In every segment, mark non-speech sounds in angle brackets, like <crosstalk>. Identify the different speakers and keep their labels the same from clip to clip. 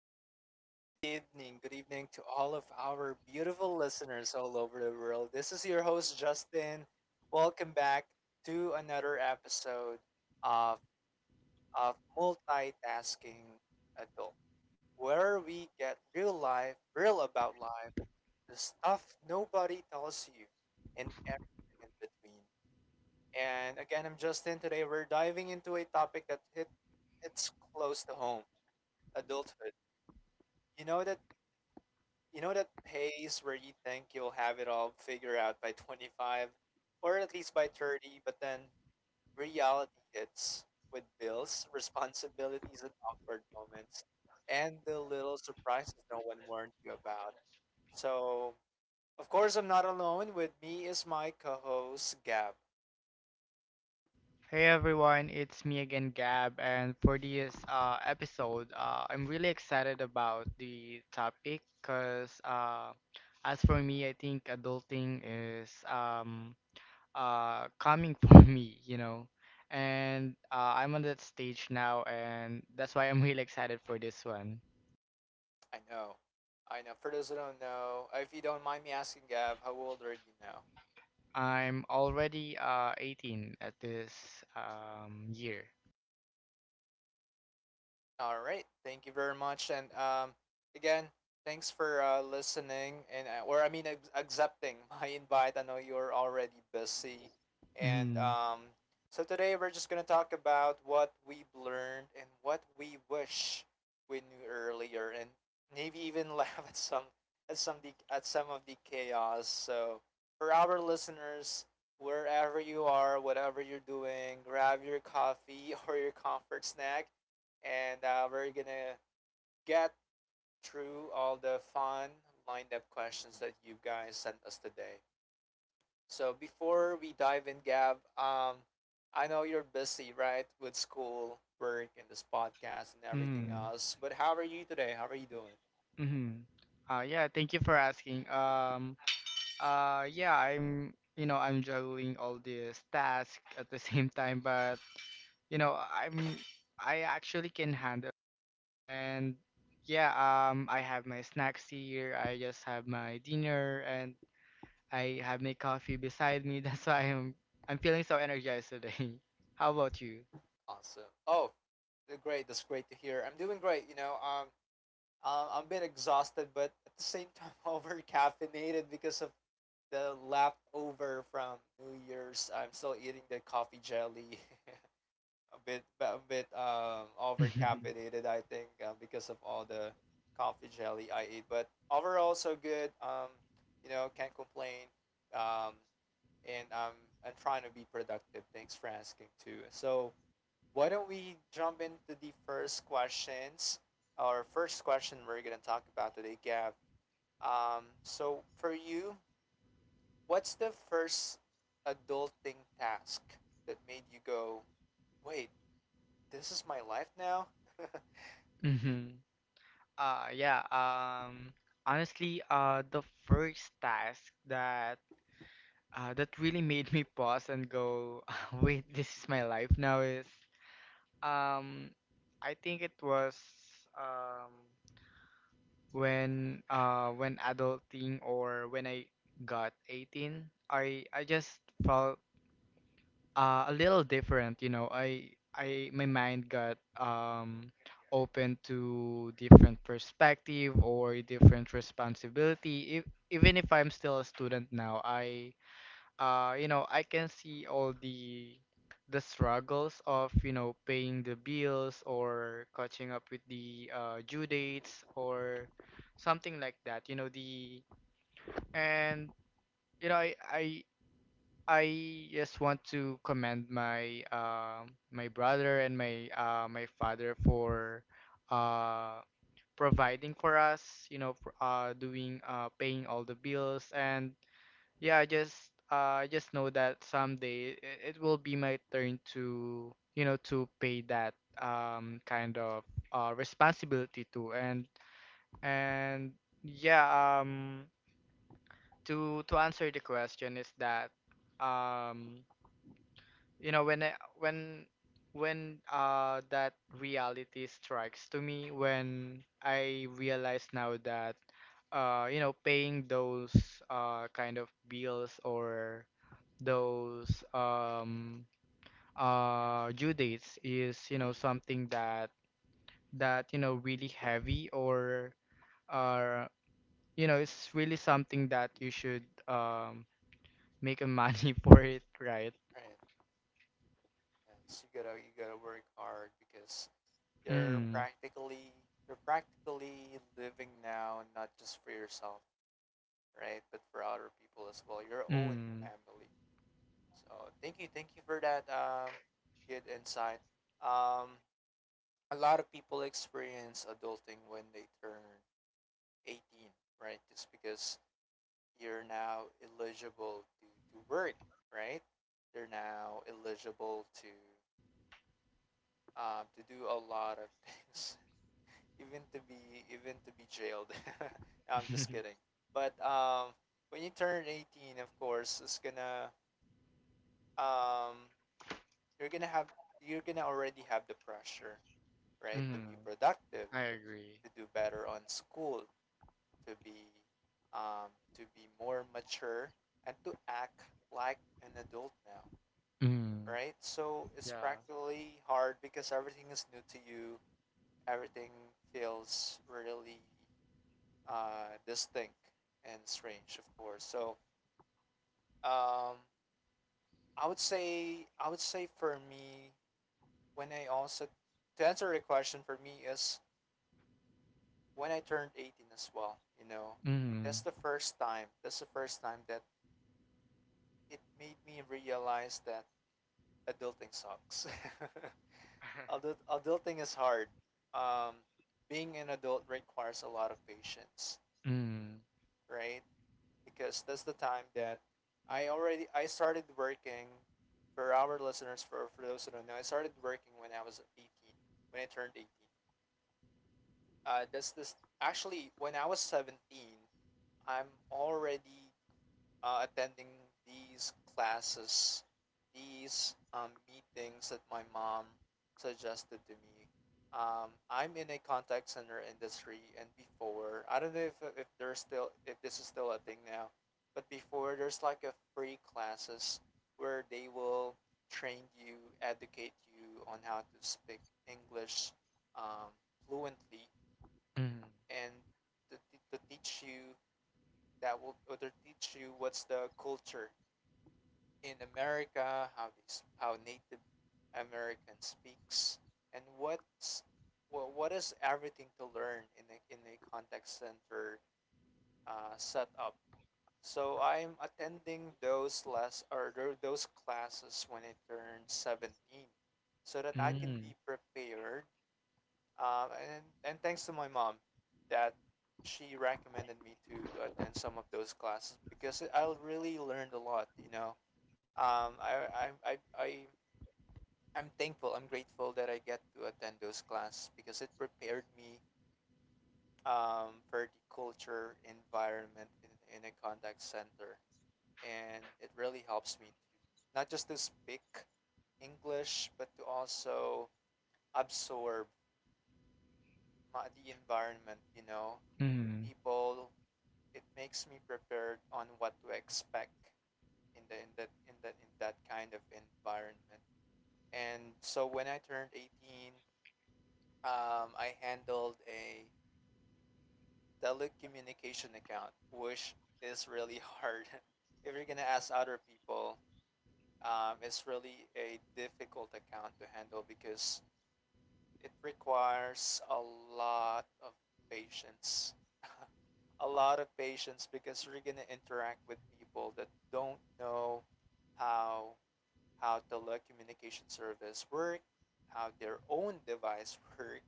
Speaker 1: everybody. Good evening. Good evening to all of our beautiful listeners all over the world. This is your host, Justin. Welcome back to another episode of, of Multitasking Adult, where we get real life, real about life, the stuff nobody tells you, and everything in between. And again, I'm Justin. Today, we're diving into a topic that hits close to home adulthood. You know that You know that pace where you think you'll have it all figured out by 25, or at least by 30, but then reality hits with bills, <laughs> responsibilities, and awkward moments, and the little surprises no one warned you about. So, of course, I'm not alone. With me is my co host, Gab.
Speaker 2: Hey everyone, it's me again, Gab, and for this episode, I'm really excited about the topic because as for me, I think adulting is coming <laughs> for me, you know, and I'm on that stage now, and that's why I'm really excited for this one.
Speaker 1: I know. I know. For those who don't know, if you don't mind me asking, Gab, how old are you now?
Speaker 2: I'm already 18 at this year.
Speaker 1: All right. Thank you very much. And again, thanks for listening and or I mean ac- accepting <laughs> my invite. I know you're already busy. And
Speaker 2: Mm-hmm.
Speaker 1: so today we're just gonna talk about what we've learned and what we wish we knew earlier, and maybe even <laughs> laugh at some of the chaos. So for our listeners, wherever you are, whatever you're doing, grab your coffee <laughs> or your comfort snack and we're gonna get through all the fun lined up questions that you guys sent us today. So before we dive in, Gab, I know you're busy, right, with school, work, and this podcast and everything
Speaker 2: Mm-hmm.
Speaker 1: else. But how are you today? How are you doing?
Speaker 2: Mm-hmm. Yeah, thank you for asking. Yeah, I'm juggling all these tasks at the <laughs> same time, but you know, I'm, I actually can handle. And yeah, I have my snacks here. I just have my dinner, and I have my coffee beside me. <laughs> That's why I'm feeling so energized today. <laughs> How about you?
Speaker 1: Awesome. Oh, great. That's great to hear. I'm doing great. You know, I'm a bit exhausted, but at the same <laughs> time, over caffeinated because of the leftover from New Year's. I'm still eating the coffee jelly. <laughs> A bit over
Speaker 2: <laughs>
Speaker 1: caffeinated, I think, because of all the coffee jelly I eat, but overall so good. You know, can't complain. Um and I'm trying to be productive, thanks for asking too. So why don't we jump into the first questions our first question we're gonna talk about today, Gab. So for you, what's the first adulting task that made you go, wait, this is my life now. <laughs>
Speaker 2: Mm-hmm. Uh, yeah, um, Honestly, the first task that really made me pause and go, <laughs> wait, this is my life now is um I think it was um when adulting or when I got 18, I just felt a little different, you know. I my mind got open to different perspective or different responsibility. If, Even if I'm still a student now, I you know I can see all the struggles of, you know, paying the bills or catching up with the due dates or something like that, you know the and you know I just want to commend my my brother and my my father for uh providing for us, you know, for, doing paying all the bills. I just know that someday it will be my turn to, you know, to pay that kind of responsibility too. And yeah, um to answer the question is that um you know when I, when when that reality strikes to me when I realize now that you know paying those kind of bills or those due dates is, you know,
Speaker 1: Mm.
Speaker 2: something that you know really heavy or uh you know it's really something that you should make a money <laughs> for it, right?
Speaker 1: Right. Yes, you gotta work hard because you're
Speaker 2: mm
Speaker 1: practically you're practically living now, not just for yourself, right, but for other people as well, your own
Speaker 2: mm
Speaker 1: family. So thank you for that good insight. Um, a lot of people experience adulting when they turn 18, right? Just because you're now eligible to work, right? You're now eligible to do a lot of things, <laughs> even to be jailed. <laughs> No, I'm just
Speaker 2: <laughs>
Speaker 1: kidding. But when you turn 18, of course, it's gonna um, you're gonna already have the pressure, right, to
Speaker 2: mm
Speaker 1: be productive,
Speaker 2: I agree.
Speaker 1: to do better on school, to be to be more mature, and to act like an adult now.
Speaker 2: mm
Speaker 1: Right? So it's
Speaker 2: yeah.
Speaker 1: practically hard because everything is new to you. Everything feels really distinct and strange, of course. So um, I would say for me, when I also to answer the question for me is when I turned 18 as well. You know,
Speaker 2: mm
Speaker 1: that's the first time. That's the first time that it made me realize that adulting sucks. <laughs> Adulting is hard. Um, Being an adult requires a lot of patience,
Speaker 2: <laughs> mm
Speaker 1: right? Because that's the time that I started working. For our listeners, for those who don't know, I started working when I was 18. When I turned 18, that's this actually when I was 17, I'm already attending these classes, these meetings that my mom suggested to me. I'm in a contact center industry, and before, I don't know if there's still if this is still a thing now, but before there's like a free classes where they will train you, educate you on how to speak English um, fluently,
Speaker 2: mm
Speaker 1: and to, to teach you what's the culture in America, how Native American speaks, and what is everything to learn in in a contact center setup. So I'm attending those less or those classes when I turn 17, so that I can
Speaker 2: mm
Speaker 1: be prepared. And thanks to my mom, that she recommended me to attend some of those classes because I'll really learned a lot. You know, um, I, I, I, I, I'm thankful, I'm grateful that I get to attend those classes because it prepared me for the culture environment in a contact center. And it really helps me to not just to speak English, but to also absorb the environment, you know,
Speaker 2: mm <laughs>
Speaker 1: people. It makes me prepared on what to expect in the in that in that in that kind of environment. And so when I turned 18, I handled a telecommunication account, which is really hard. <laughs> If you're gonna ask other people, it's really a difficult account to handle because it requires a lot of patience. A lot of patience because you're gonna interact with people that don't know how how telecommunication service work, how their own device <laughs> work.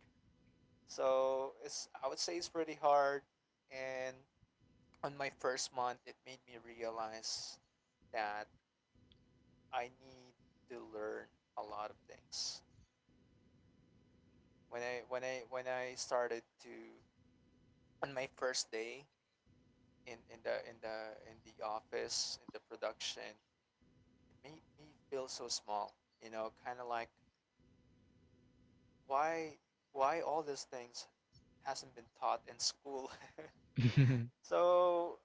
Speaker 1: So it's, I would say it's pretty hard. And on my first month, it made me realize that I need to learn a lot of things. When I when I when I started to On my first day in the office, in the production, it made me feel so small. You know, kind of like why all these things hasn't been taught in school. <laughs> So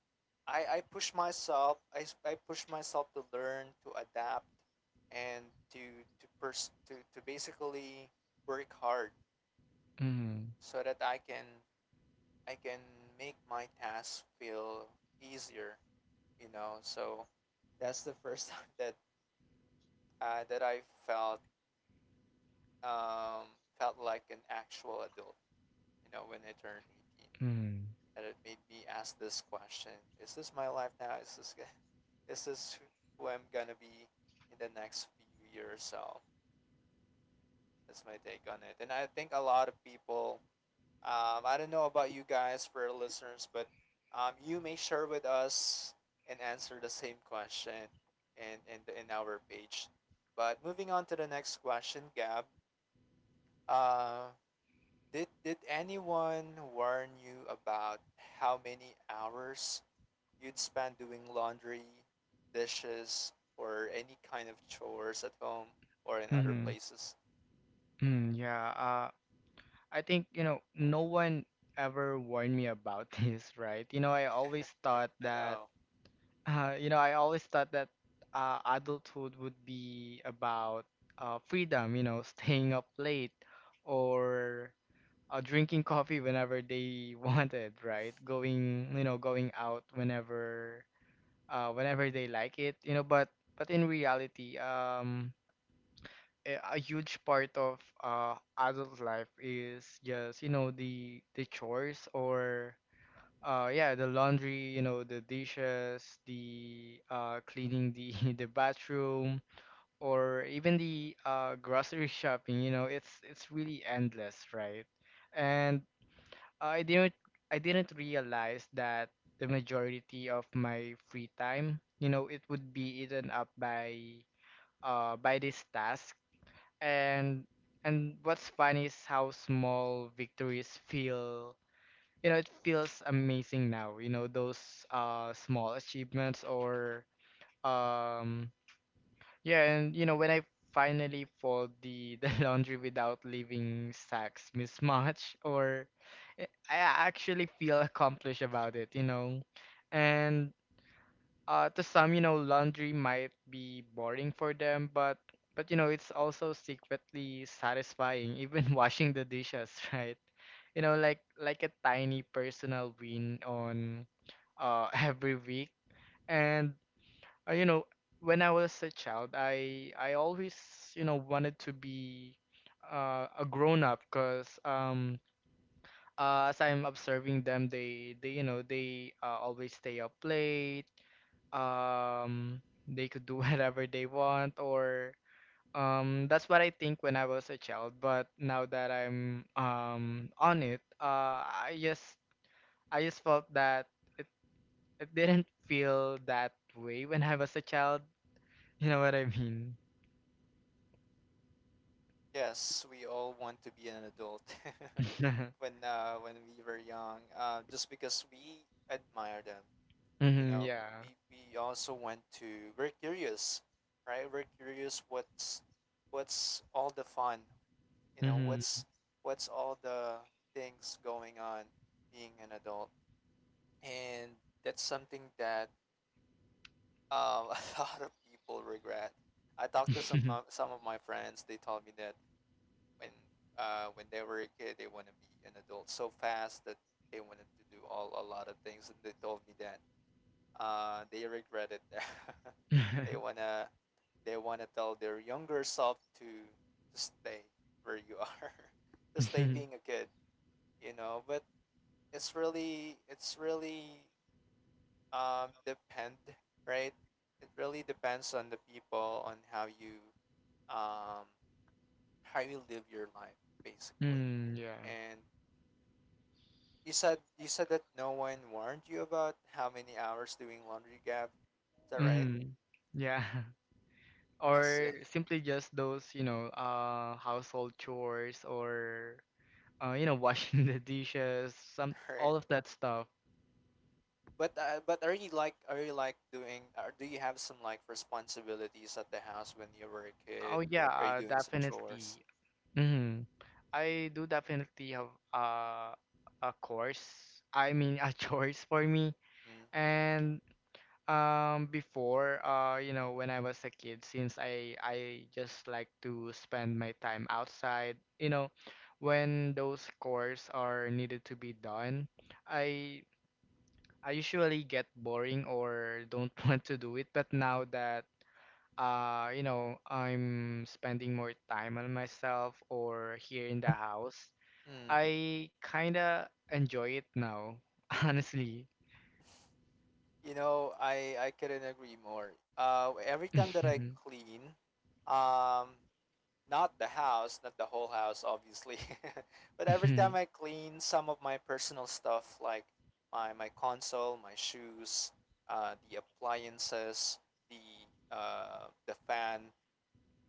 Speaker 1: I push myself. I s- I push myself to learn, to adapt, and to pers- to basically work hard
Speaker 2: mm
Speaker 1: so that I can make my tasks feel easier. You know, so that's the first <laughs> time that I felt um, felt like an actual adult. You know, when I turned 18.
Speaker 2: mm
Speaker 1: That it made me ask this question: Is this my life now? Is this <laughs> is this who I'm gonna be in the next few years? So that's my take on it. And I think a lot of people. I don't know about you guys, for our listeners, but you may share with us and answer the same question in our page. But moving on to the next question, Gab. Uh, did anyone warn you about how many hours you'd spend doing laundry, dishes, or any kind of chores at home or in
Speaker 2: mm
Speaker 1: other
Speaker 2: mm
Speaker 1: places?
Speaker 2: <laughs> yeah, I think, you know, no one ever warned me about <laughs> this, right? You know, I always thought
Speaker 1: I
Speaker 2: that,
Speaker 1: know.
Speaker 2: uh, you know, I always thought that adulthood would be about freedom, you know, <laughs> staying up late or drinking coffee whenever they <laughs> wanted, right? Going, you know, going out whenever, whenever they like it, you know, but in reality, a huge part of adult life is, just you know, the chores or yeah, the laundry, you know, the dishes, the cleaning the <laughs> the bathroom or even the grocery <laughs> shopping. You know, it's really endless, right? And I didn't I didn't realize that the majority of my free time, you know, it would be eaten up by this task. and and what's funny is how small victories feel, you know. It feels amazing now, you know, those small achievements. Or um yeah and you know when I finally fold the <laughs> the laundry without leaving sacks mismatch, or i I actually feel accomplished about it, you know. And to some, you know, laundry might be boring for them, but you know, it's also secretly satisfying, even <laughs> washing the dishes, <laughs> right? You know, like a tiny personal win on <laughs> every week. And you know, when I was a child, I always, you know, wanted to be a grown up, cause as I'm observing them, they you know they always stay up late. um they could do <laughs> whatever they want, or that's what I think when I was a child. But now that I'm on it, I just felt that it, it didn't feel that way when I was a child, you know what I mean?
Speaker 1: Yes, we all want to be an adult <laughs>
Speaker 2: <laughs>
Speaker 1: when we were young, just because we admire them. You
Speaker 2: Mm-hmm,
Speaker 1: know,
Speaker 2: yeah.
Speaker 1: we also want to. We're curious, right? We're curious what's all the fun. You know,
Speaker 2: Hmm.
Speaker 1: what's all the things going on being an adult, and that's something that <laughs> a lot of people regret. I talked to
Speaker 2: <laughs>
Speaker 1: some of my friends. They told me that when when they were a kid, they want to be an adult so fast that they wanted to do all a lot of things, and they told me that they regret it. <laughs> they wanna they wanna tell their younger self to stay where you are, <laughs> to stay being a kid, you know. But it's really depend, right? It really depends on the people on um how you live your life, basically.
Speaker 2: Mm, yeah.
Speaker 1: And you said that no one warned you about how many hours doing laundry, gap is that right?
Speaker 2: Mm. Yeah, <laughs>
Speaker 1: I
Speaker 2: or
Speaker 1: see.
Speaker 2: simply just those, you know, household chores, or you know, washing <laughs> the dishes, some
Speaker 1: <laughs> Right.
Speaker 2: all of that stuff.
Speaker 1: But are you like doing, or do you have some like responsibilities at the house when you were a
Speaker 2: Oh
Speaker 1: kid?
Speaker 2: yeah,
Speaker 1: Are you doing some chores?
Speaker 2: definitely. Hmm. I do definitely have a course. I mean, a <laughs> choice for me.
Speaker 1: Mm.
Speaker 2: And before, you know, when I was a kid, since I just like to spend my time outside, you know, when those chores are needed to be done, I I usually get boring or don't <laughs> want to do it. But now that, you know, I'm spending more time on myself or here in the house,
Speaker 1: Mm.
Speaker 2: I kinda enjoy it now, <laughs> honestly.
Speaker 1: You know, I couldn't agree more. Every time that
Speaker 2: Mhm.
Speaker 1: I clean, um, not the house, not the whole house, obviously, <laughs> but every time
Speaker 2: Mhm.
Speaker 1: I clean some of my personal stuff, like my console, my shoes, the appliances, the fan,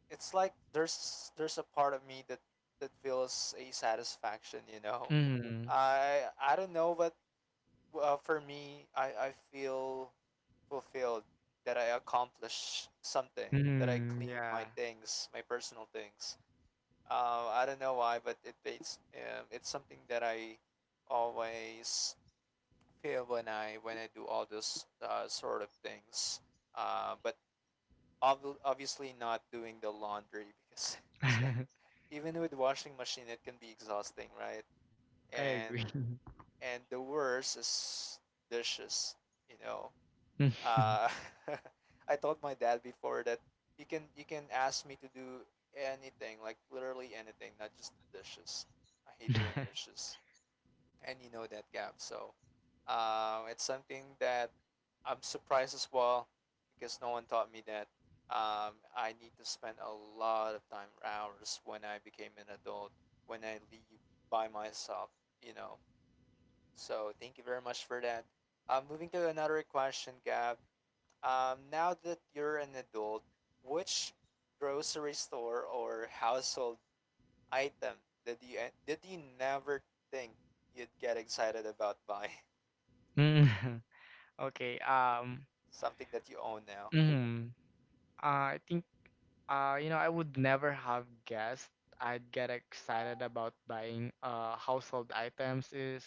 Speaker 1: it's like there's a part of me that that feels a satisfaction. You know,
Speaker 2: Mhm.
Speaker 1: I don't know, what for me, I feel fulfilled that I accomplished something, that I
Speaker 2: Mhm.
Speaker 1: cleaned my
Speaker 2: Yeah.
Speaker 1: things, my personal things. I don't know why, but it's something that I always feel when I do all those sort of things. But obviously not doing the laundry because <laughs> it's,
Speaker 2: <laughs>
Speaker 1: even with washing machine, it can be exhausting, right?
Speaker 2: I
Speaker 1: And
Speaker 2: agree.
Speaker 1: and the worst is dishes. You know,
Speaker 2: Mhm.
Speaker 1: Uh, <laughs> I told my dad before that you can ask me to do anything, like literally anything, not just the dishes. I hate doing
Speaker 2: <laughs>
Speaker 1: dishes, and you know that, Gab. So it's something that I'm surprised as well because no one taught me that. I need to spend a lot of time hours when I became an adult, when I leave by myself, you know. So thank you very much for that. Moving to another question, Gab. Now that you're an adult, which grocery store or household item did you never think you'd get excited about buying?
Speaker 2: Mhm. Okay,
Speaker 1: <laughs> Something that you own now,
Speaker 2: mhm. I think, you know, I would never have guessed I'd get excited about buying household items is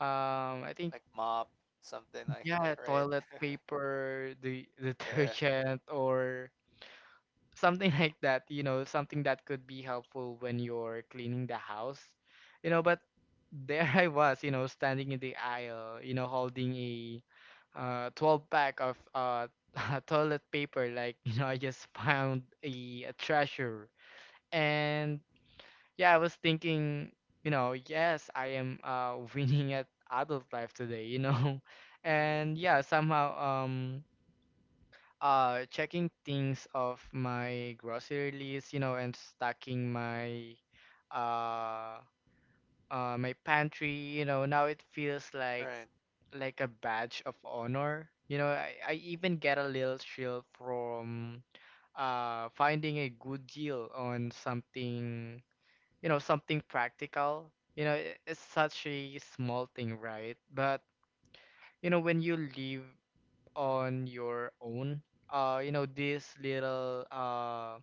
Speaker 2: I think
Speaker 1: like mop, something like that,
Speaker 2: yeah,
Speaker 1: right?
Speaker 2: toilet
Speaker 1: <laughs>
Speaker 2: paper, the <laughs>
Speaker 1: Yeah.
Speaker 2: detergent, or something like that, you know, something that could be helpful when you're cleaning the house. You know, but there <laughs> I was, you know, standing in the aisle, you know, holding a 12 pack of <laughs> toilet paper like, <laughs> you know, I just found a treasure. And yeah, I was thinking, you know, yes, I am <laughs> winning at adult life today, you know. <laughs>
Speaker 1: Mm,
Speaker 2: And yeah, somehow checking things of my grocery list, you know, and stocking my uh my pantry. You know, now it feels
Speaker 1: right.
Speaker 2: like a badge of honor. You know, I even get a little thrill from finding a good deal on something, you know, something practical. You know, I- it's such a small thing, right? But, you know, when you live on your own, you know, these little uh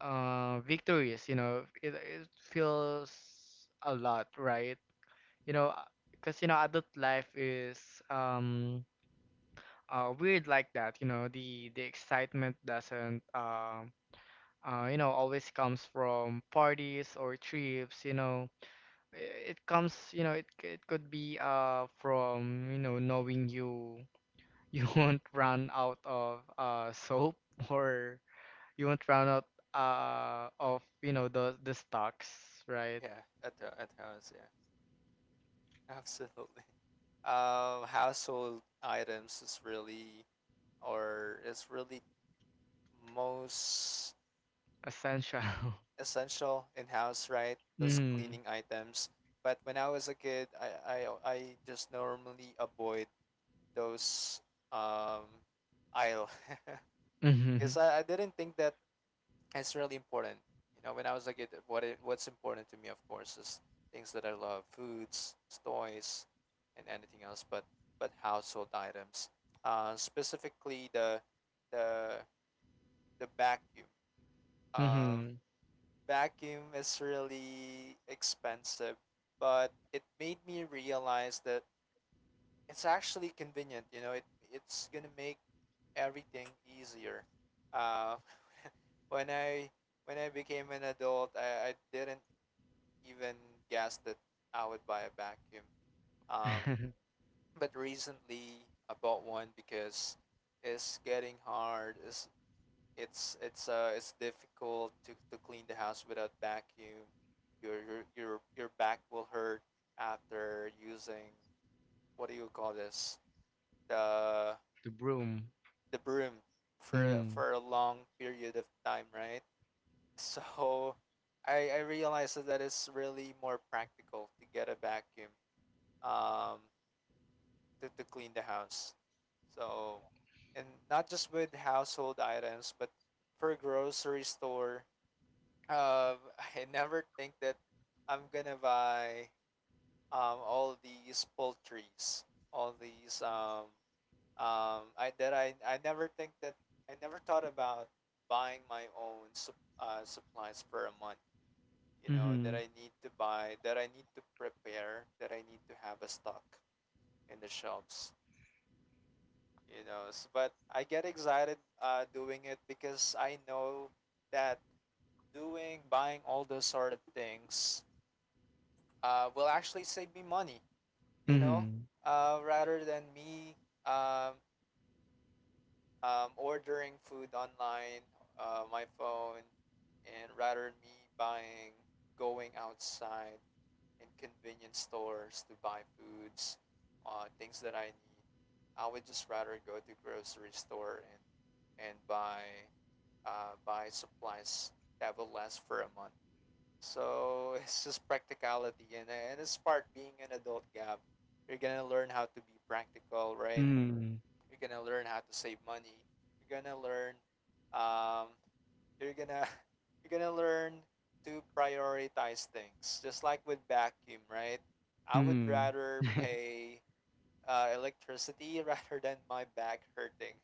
Speaker 2: uh victories, you know, it feels a lot, right? You know, because, you know, adult life is weird like that. You know, the excitement doesn't, you know, always comes from parties or trips. You know it comes, you know, it could be from, you know, knowing you you <laughs> won't run out of soap <laughs> or you won't run out of, you know, the stocks, right?
Speaker 1: Yeah. At the at house. Yeah. <laughs> Absolutely. Household items is really or is really most
Speaker 2: Essential. <laughs>
Speaker 1: essential in house, right? Those
Speaker 2: Mm-hmm.
Speaker 1: cleaning items. But when I was a kid, I just normally avoid those um aisle <laughs>
Speaker 2: Mm-hmm.
Speaker 1: because I didn't think that it's really important. You know, when I was a kid, what's important to me, of course, is things that I love, foods, toys, and anything else. But household items, specifically the the vacuum. Uh,
Speaker 2: Mm-hmm.
Speaker 1: Vacuum is really expensive, but it made me realize that it's actually convenient. You know, it it's gonna make everything easier. Uh, <laughs> when I when I became an adult, I didn't even guess that I would buy a vacuum. Um,
Speaker 2: <laughs>
Speaker 1: but recently I bought one because it's getting hard. It's difficult to clean the house without vacuum. Your back will hurt after using what do you call this? The
Speaker 2: The broom.
Speaker 1: the broom
Speaker 2: Mm-hmm.
Speaker 1: for a long period of time, right? <laughs> So I realized that, that it's really more practical to get a vacuum um to clean the house. So and not just with household items, but for grocery store. <laughs> I never think that I'm gonna buy all these poultries, all these I never think that I never thought about buying my own supplies for a month. You know that
Speaker 2: Mm-hmm.
Speaker 1: I need to buy, that I need to prepare, that I need to have a stock in the shelves. You know, S but I get excited doing it because I know that doing buying all those sort of things will actually save me money, you know,
Speaker 2: Mm-hmm.
Speaker 1: rather than me um, ordering food online, my phone, and rather me buying, going outside in convenience stores to buy foods, things that I need. I would just rather go to grocery store and buy buy supplies that will last for a month so <laughs> it's just practicality, and it's part being an adult, Gab. You're gonna learn how to be practical, right?
Speaker 2: Mm-hmm.
Speaker 1: You're gonna learn how to save money. You're gonna learn, um, you're gonna <laughs> you're gonna learn to prioritize things. Just like with vacuum, right? I would
Speaker 2: Mm-hmm.
Speaker 1: rather
Speaker 2: <laughs>
Speaker 1: pay electricity <laughs> rather than my back hurting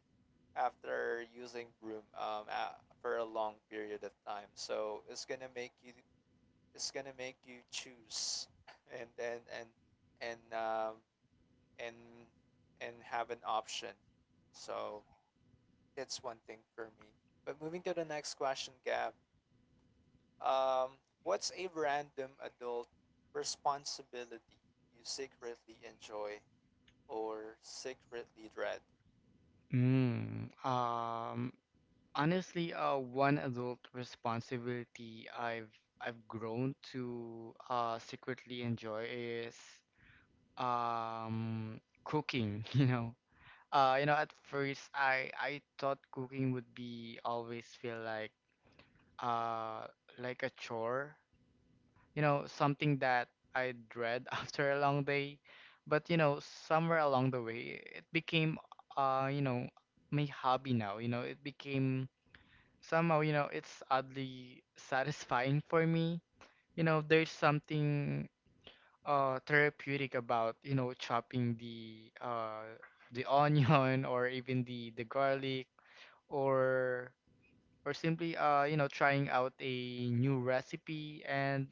Speaker 1: after using broom for a long period of time. So it's gonna make you is gonna make you choose <laughs> and and and and um, and and have an option. So that's one thing for me. But moving to the next question, Gab. Um, what's a random adult responsibility you secretly enjoy or secretly dread?
Speaker 2: Mm. Honestly, one adult responsibility I've grown to secretly enjoy is cooking. <laughs> You know, At first, I thought cooking would be always feel uh like a chore, you know, something that I dread <laughs> after a long day. But you know, somewhere along the way, it became uh you know my hobby now. You know, it became, somehow, you know, it's oddly satisfying for me. You know, there's something therapeutic about, you know, chopping the the <laughs> onion or even the garlic, or or simply, you know, trying out a new recipe and,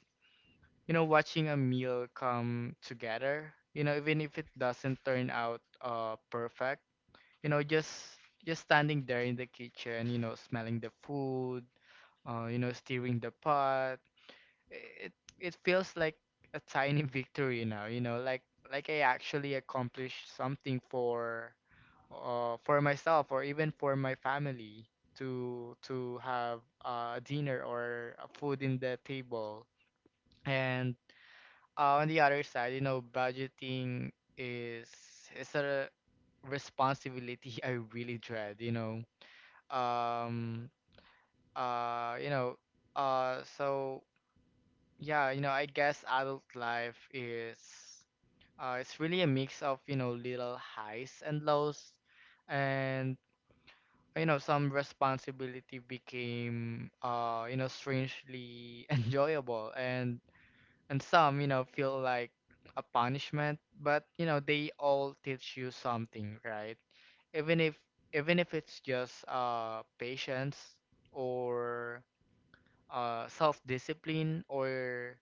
Speaker 2: you know, watching a meal come together. You know, even if it doesn't turn out perfect. You know, just standing there in the kitchen, you know, smelling the food, you know, steering the pot. It it feels like a tiny <laughs> victory now, you know, like I actually accomplished something for myself or even for my family, to have a dinner or a food in the table. And on the other side, you know, budgeting is is a responsibility <laughs> I really dread, you know. Um uh you know uh so Yeah, you know, I guess adult life is, it's really a mix of, you know, little highs and lows. And you know, some responsibility became, you know, strangely <laughs> enjoyable, and some, you know, feel like a punishment. But you know, they all teach you something, right? Even if even if it's just patience, or self-discipline, or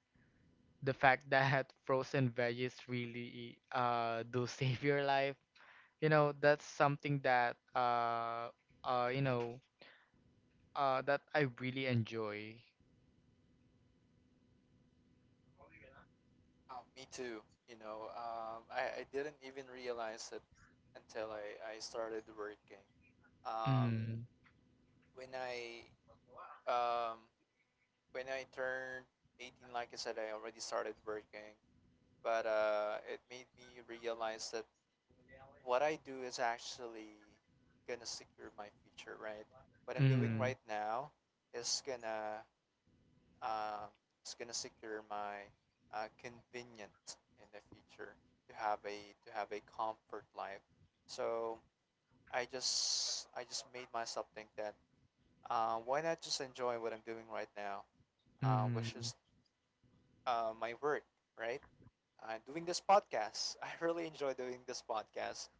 Speaker 2: the fact that <laughs> frozen veggies really do <laughs> save your life. You know, that's something that uh you know that I really enjoy.
Speaker 1: Wow, me too. You know, I didn't even realize it until I started working. Um,
Speaker 2: mm
Speaker 1: when I um, when I turned 18, like I said, I already started working, but it made me realize that what I do is actually gonna secure my future, right? What I'm doing right
Speaker 2: mm
Speaker 1: now is gonna um, is gonna secure my convenience in the future to have a comfort life. So I just made myself think that why not just enjoy what I'm doing right now, which
Speaker 2: mm
Speaker 1: is my work, right? Doing this podcast, <laughs> I really enjoy doing this podcast.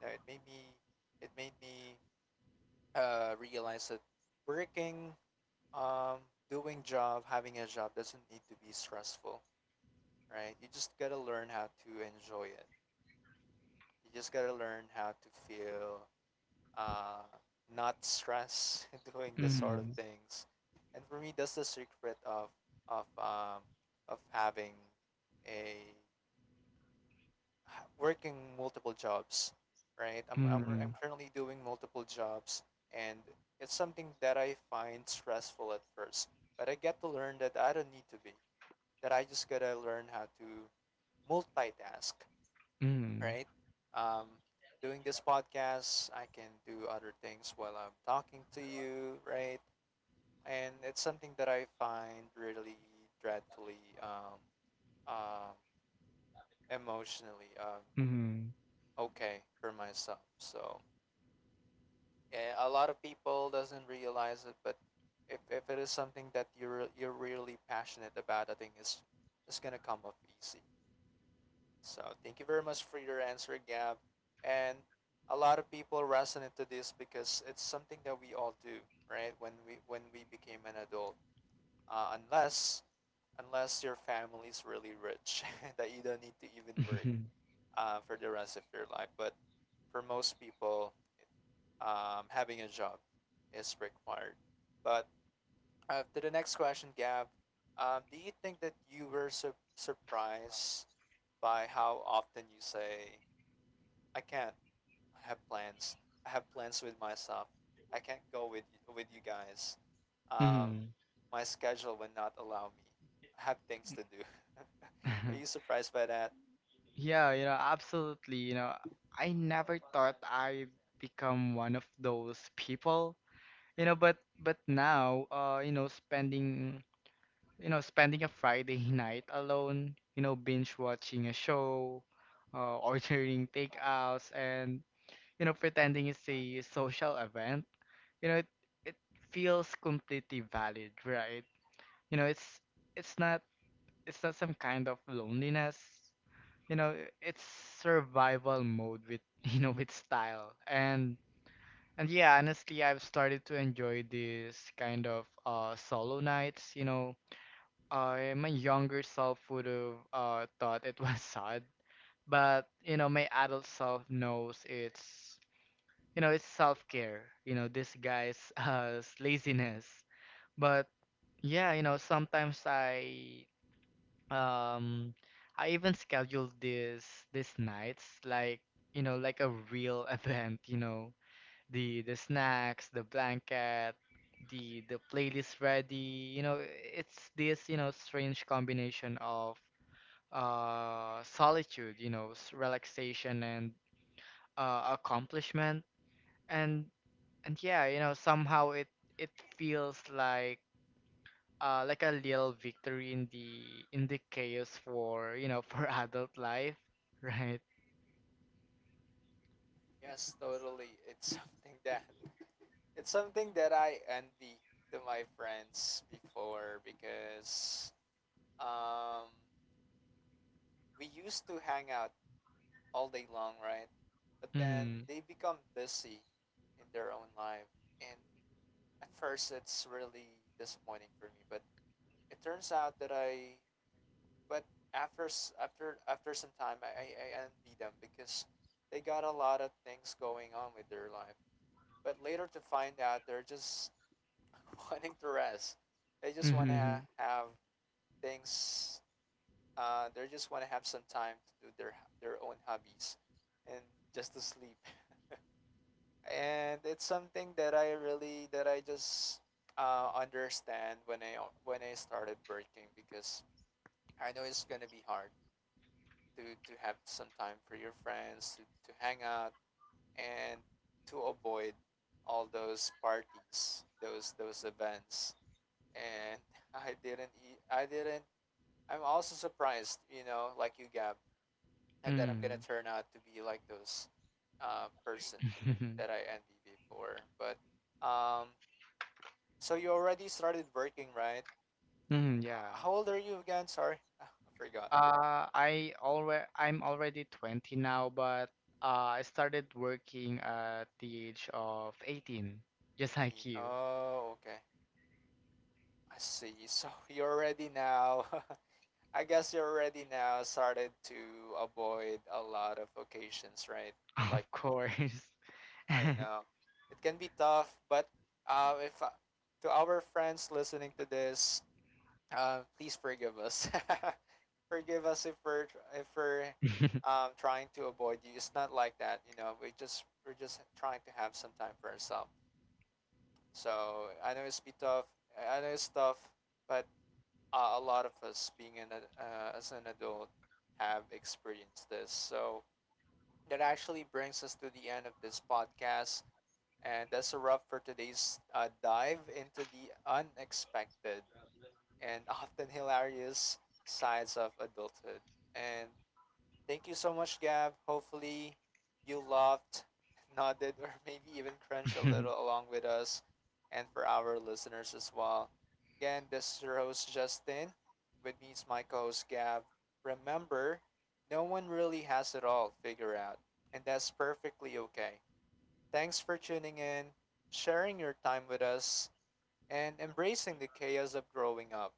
Speaker 1: You know, it made me realize that working, um, doing job, having a job doesn't need to be stressful, right? You just gotta learn how to enjoy it. You just gotta learn how to feel uh, not stress <laughs> doing this sort of
Speaker 2: mm
Speaker 1: things. And for me, that's the secret of of um, of having a working multiple jobs, right? I'm
Speaker 2: mm
Speaker 1: currently doing multiple jobs, and it's something that I find stressful at first. But I get to learn that I don't need to be, that I just gotta learn how to multitask,
Speaker 2: mm
Speaker 1: right? Um, Doing this podcast, I can do other things while I'm talking to you, right? And it's something that I find really dreadfully um emotionally
Speaker 2: mm
Speaker 1: okay for myself. So a lot of people doesn't realize it, but if it is something that you're really passionate about, I think it's gonna come up easy. So thank you very much for your answer, Gab. And a lot of people resonate to this because it's something that we all do, right? When we became an adult, uh, unless unless your family is really rich <laughs> that you don't need to even work
Speaker 2: <laughs>
Speaker 1: for the rest of your life. But for most people, having a job is required. But to the next question, Gab, do you think that you were surprised by how often you say, "I can't. I have plans. I have plans with myself. I can't go with with you guys. Um,
Speaker 2: mm
Speaker 1: my schedule will not allow me. I have things to do." <laughs> Were you
Speaker 2: <laughs>
Speaker 1: surprised by that?
Speaker 2: yeah, you know, absolutely. You know, I never thought I'd become one of those people, you know. But now you know, spending a Friday <laughs> night alone, you know, binge watching a show, ordering takeouts, and, you know, pretending it's a social event. You know, it feels completely valid, right? You know, it's it's not it's not some kind of loneliness. You know, it's survival mode with <laughs> you know, with style. And yeah, honestly, I've started to enjoy this kind of solo nights, you know. I, my younger self would have thought it was <laughs> sad, but you know, my adult self knows it's, you know, it's self care, you know, disguised as <laughs> laziness. But yeah, you know, sometimes um I even schedule this these nights like, you know, like a real <laughs> event. You know, the snacks, the blanket, the playlist ready. You know, it's this, you know, strange combination of solitude, you know, s- relaxation and accomplishment. And and yeah, you know, somehow it feels like a little victory in the chaos for, you know, <laughs> for adult life, right?
Speaker 1: Yes, totally. It's something that I envy to my friends before because um, we used to hang out all day long, right? But then
Speaker 2: Mm-hmm.
Speaker 1: they become busy in their own life. And at first, it's really disappointing for me. But it turns out that I, but after s- after after some time, I envy them because they got a lot of things going on with their life. But later to find out, they're just <laughs> wanting to rest. They just want
Speaker 2: Mm-hmm.
Speaker 1: to have things. They just want to have some time to do their own hobbies, and just to sleep. And it's something that I really that I just understand when I started working because I know it's gonna be hard to have some time for your friends to hang out and to avoid all those parties, those events. And <laughs> I didn't eat. I didn't I'm also surprised, you know, like you, Gab, that I'm gonna
Speaker 2: Mm-hmm.
Speaker 1: turn out to be like those person that I envy before. But um, so you already started working, right?
Speaker 2: Mm-hmm. <laughs> Yeah.
Speaker 1: How old are you again? Sorry, <laughs> I forgot.
Speaker 2: I'm already 20 now, but I started working at the age of 18, just
Speaker 1: 18.
Speaker 2: like you,
Speaker 1: Oh, okay. I see. <laughs> So you're already now. <laughs> I guess you're already now started to avoid a lot of occasions, right?
Speaker 2: <laughs>
Speaker 1: Like
Speaker 2: of
Speaker 1: me.
Speaker 2: course.
Speaker 1: I know it can be tough, but if to our friends listening to this, please forgive us. <laughs> Forgive us if
Speaker 2: <laughs>
Speaker 1: we're trying to avoid you. It's not like that, you know. We're just trying to have some time for ourselves. So I know it's be tough. I know it's tough, but a lot of us being an as an adult have experienced this. So that actually brings us to the end of this podcast. And that's a wrap for today's dive into the unexpected and <laughs> often hilarious sides of adulthood. And thank you so much, Gab. Hopefully, you laughed, <laughs> nodded, or maybe even crunched a little along with us and for our listeners as well. Again, this is your host, Justin. With me is my co host, Gab. Remember, no one really has it all figured out, and that's perfectly okay. Thanks for tuning in, sharing your time with us, and embracing the chaos of growing up,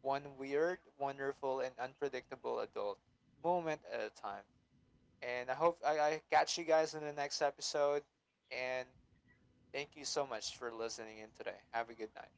Speaker 1: one weird, wonderful, and unpredictable adult moment at a time. And I hope I catch you guys in the next episode. And thank you so much for listening in today. Have a good night.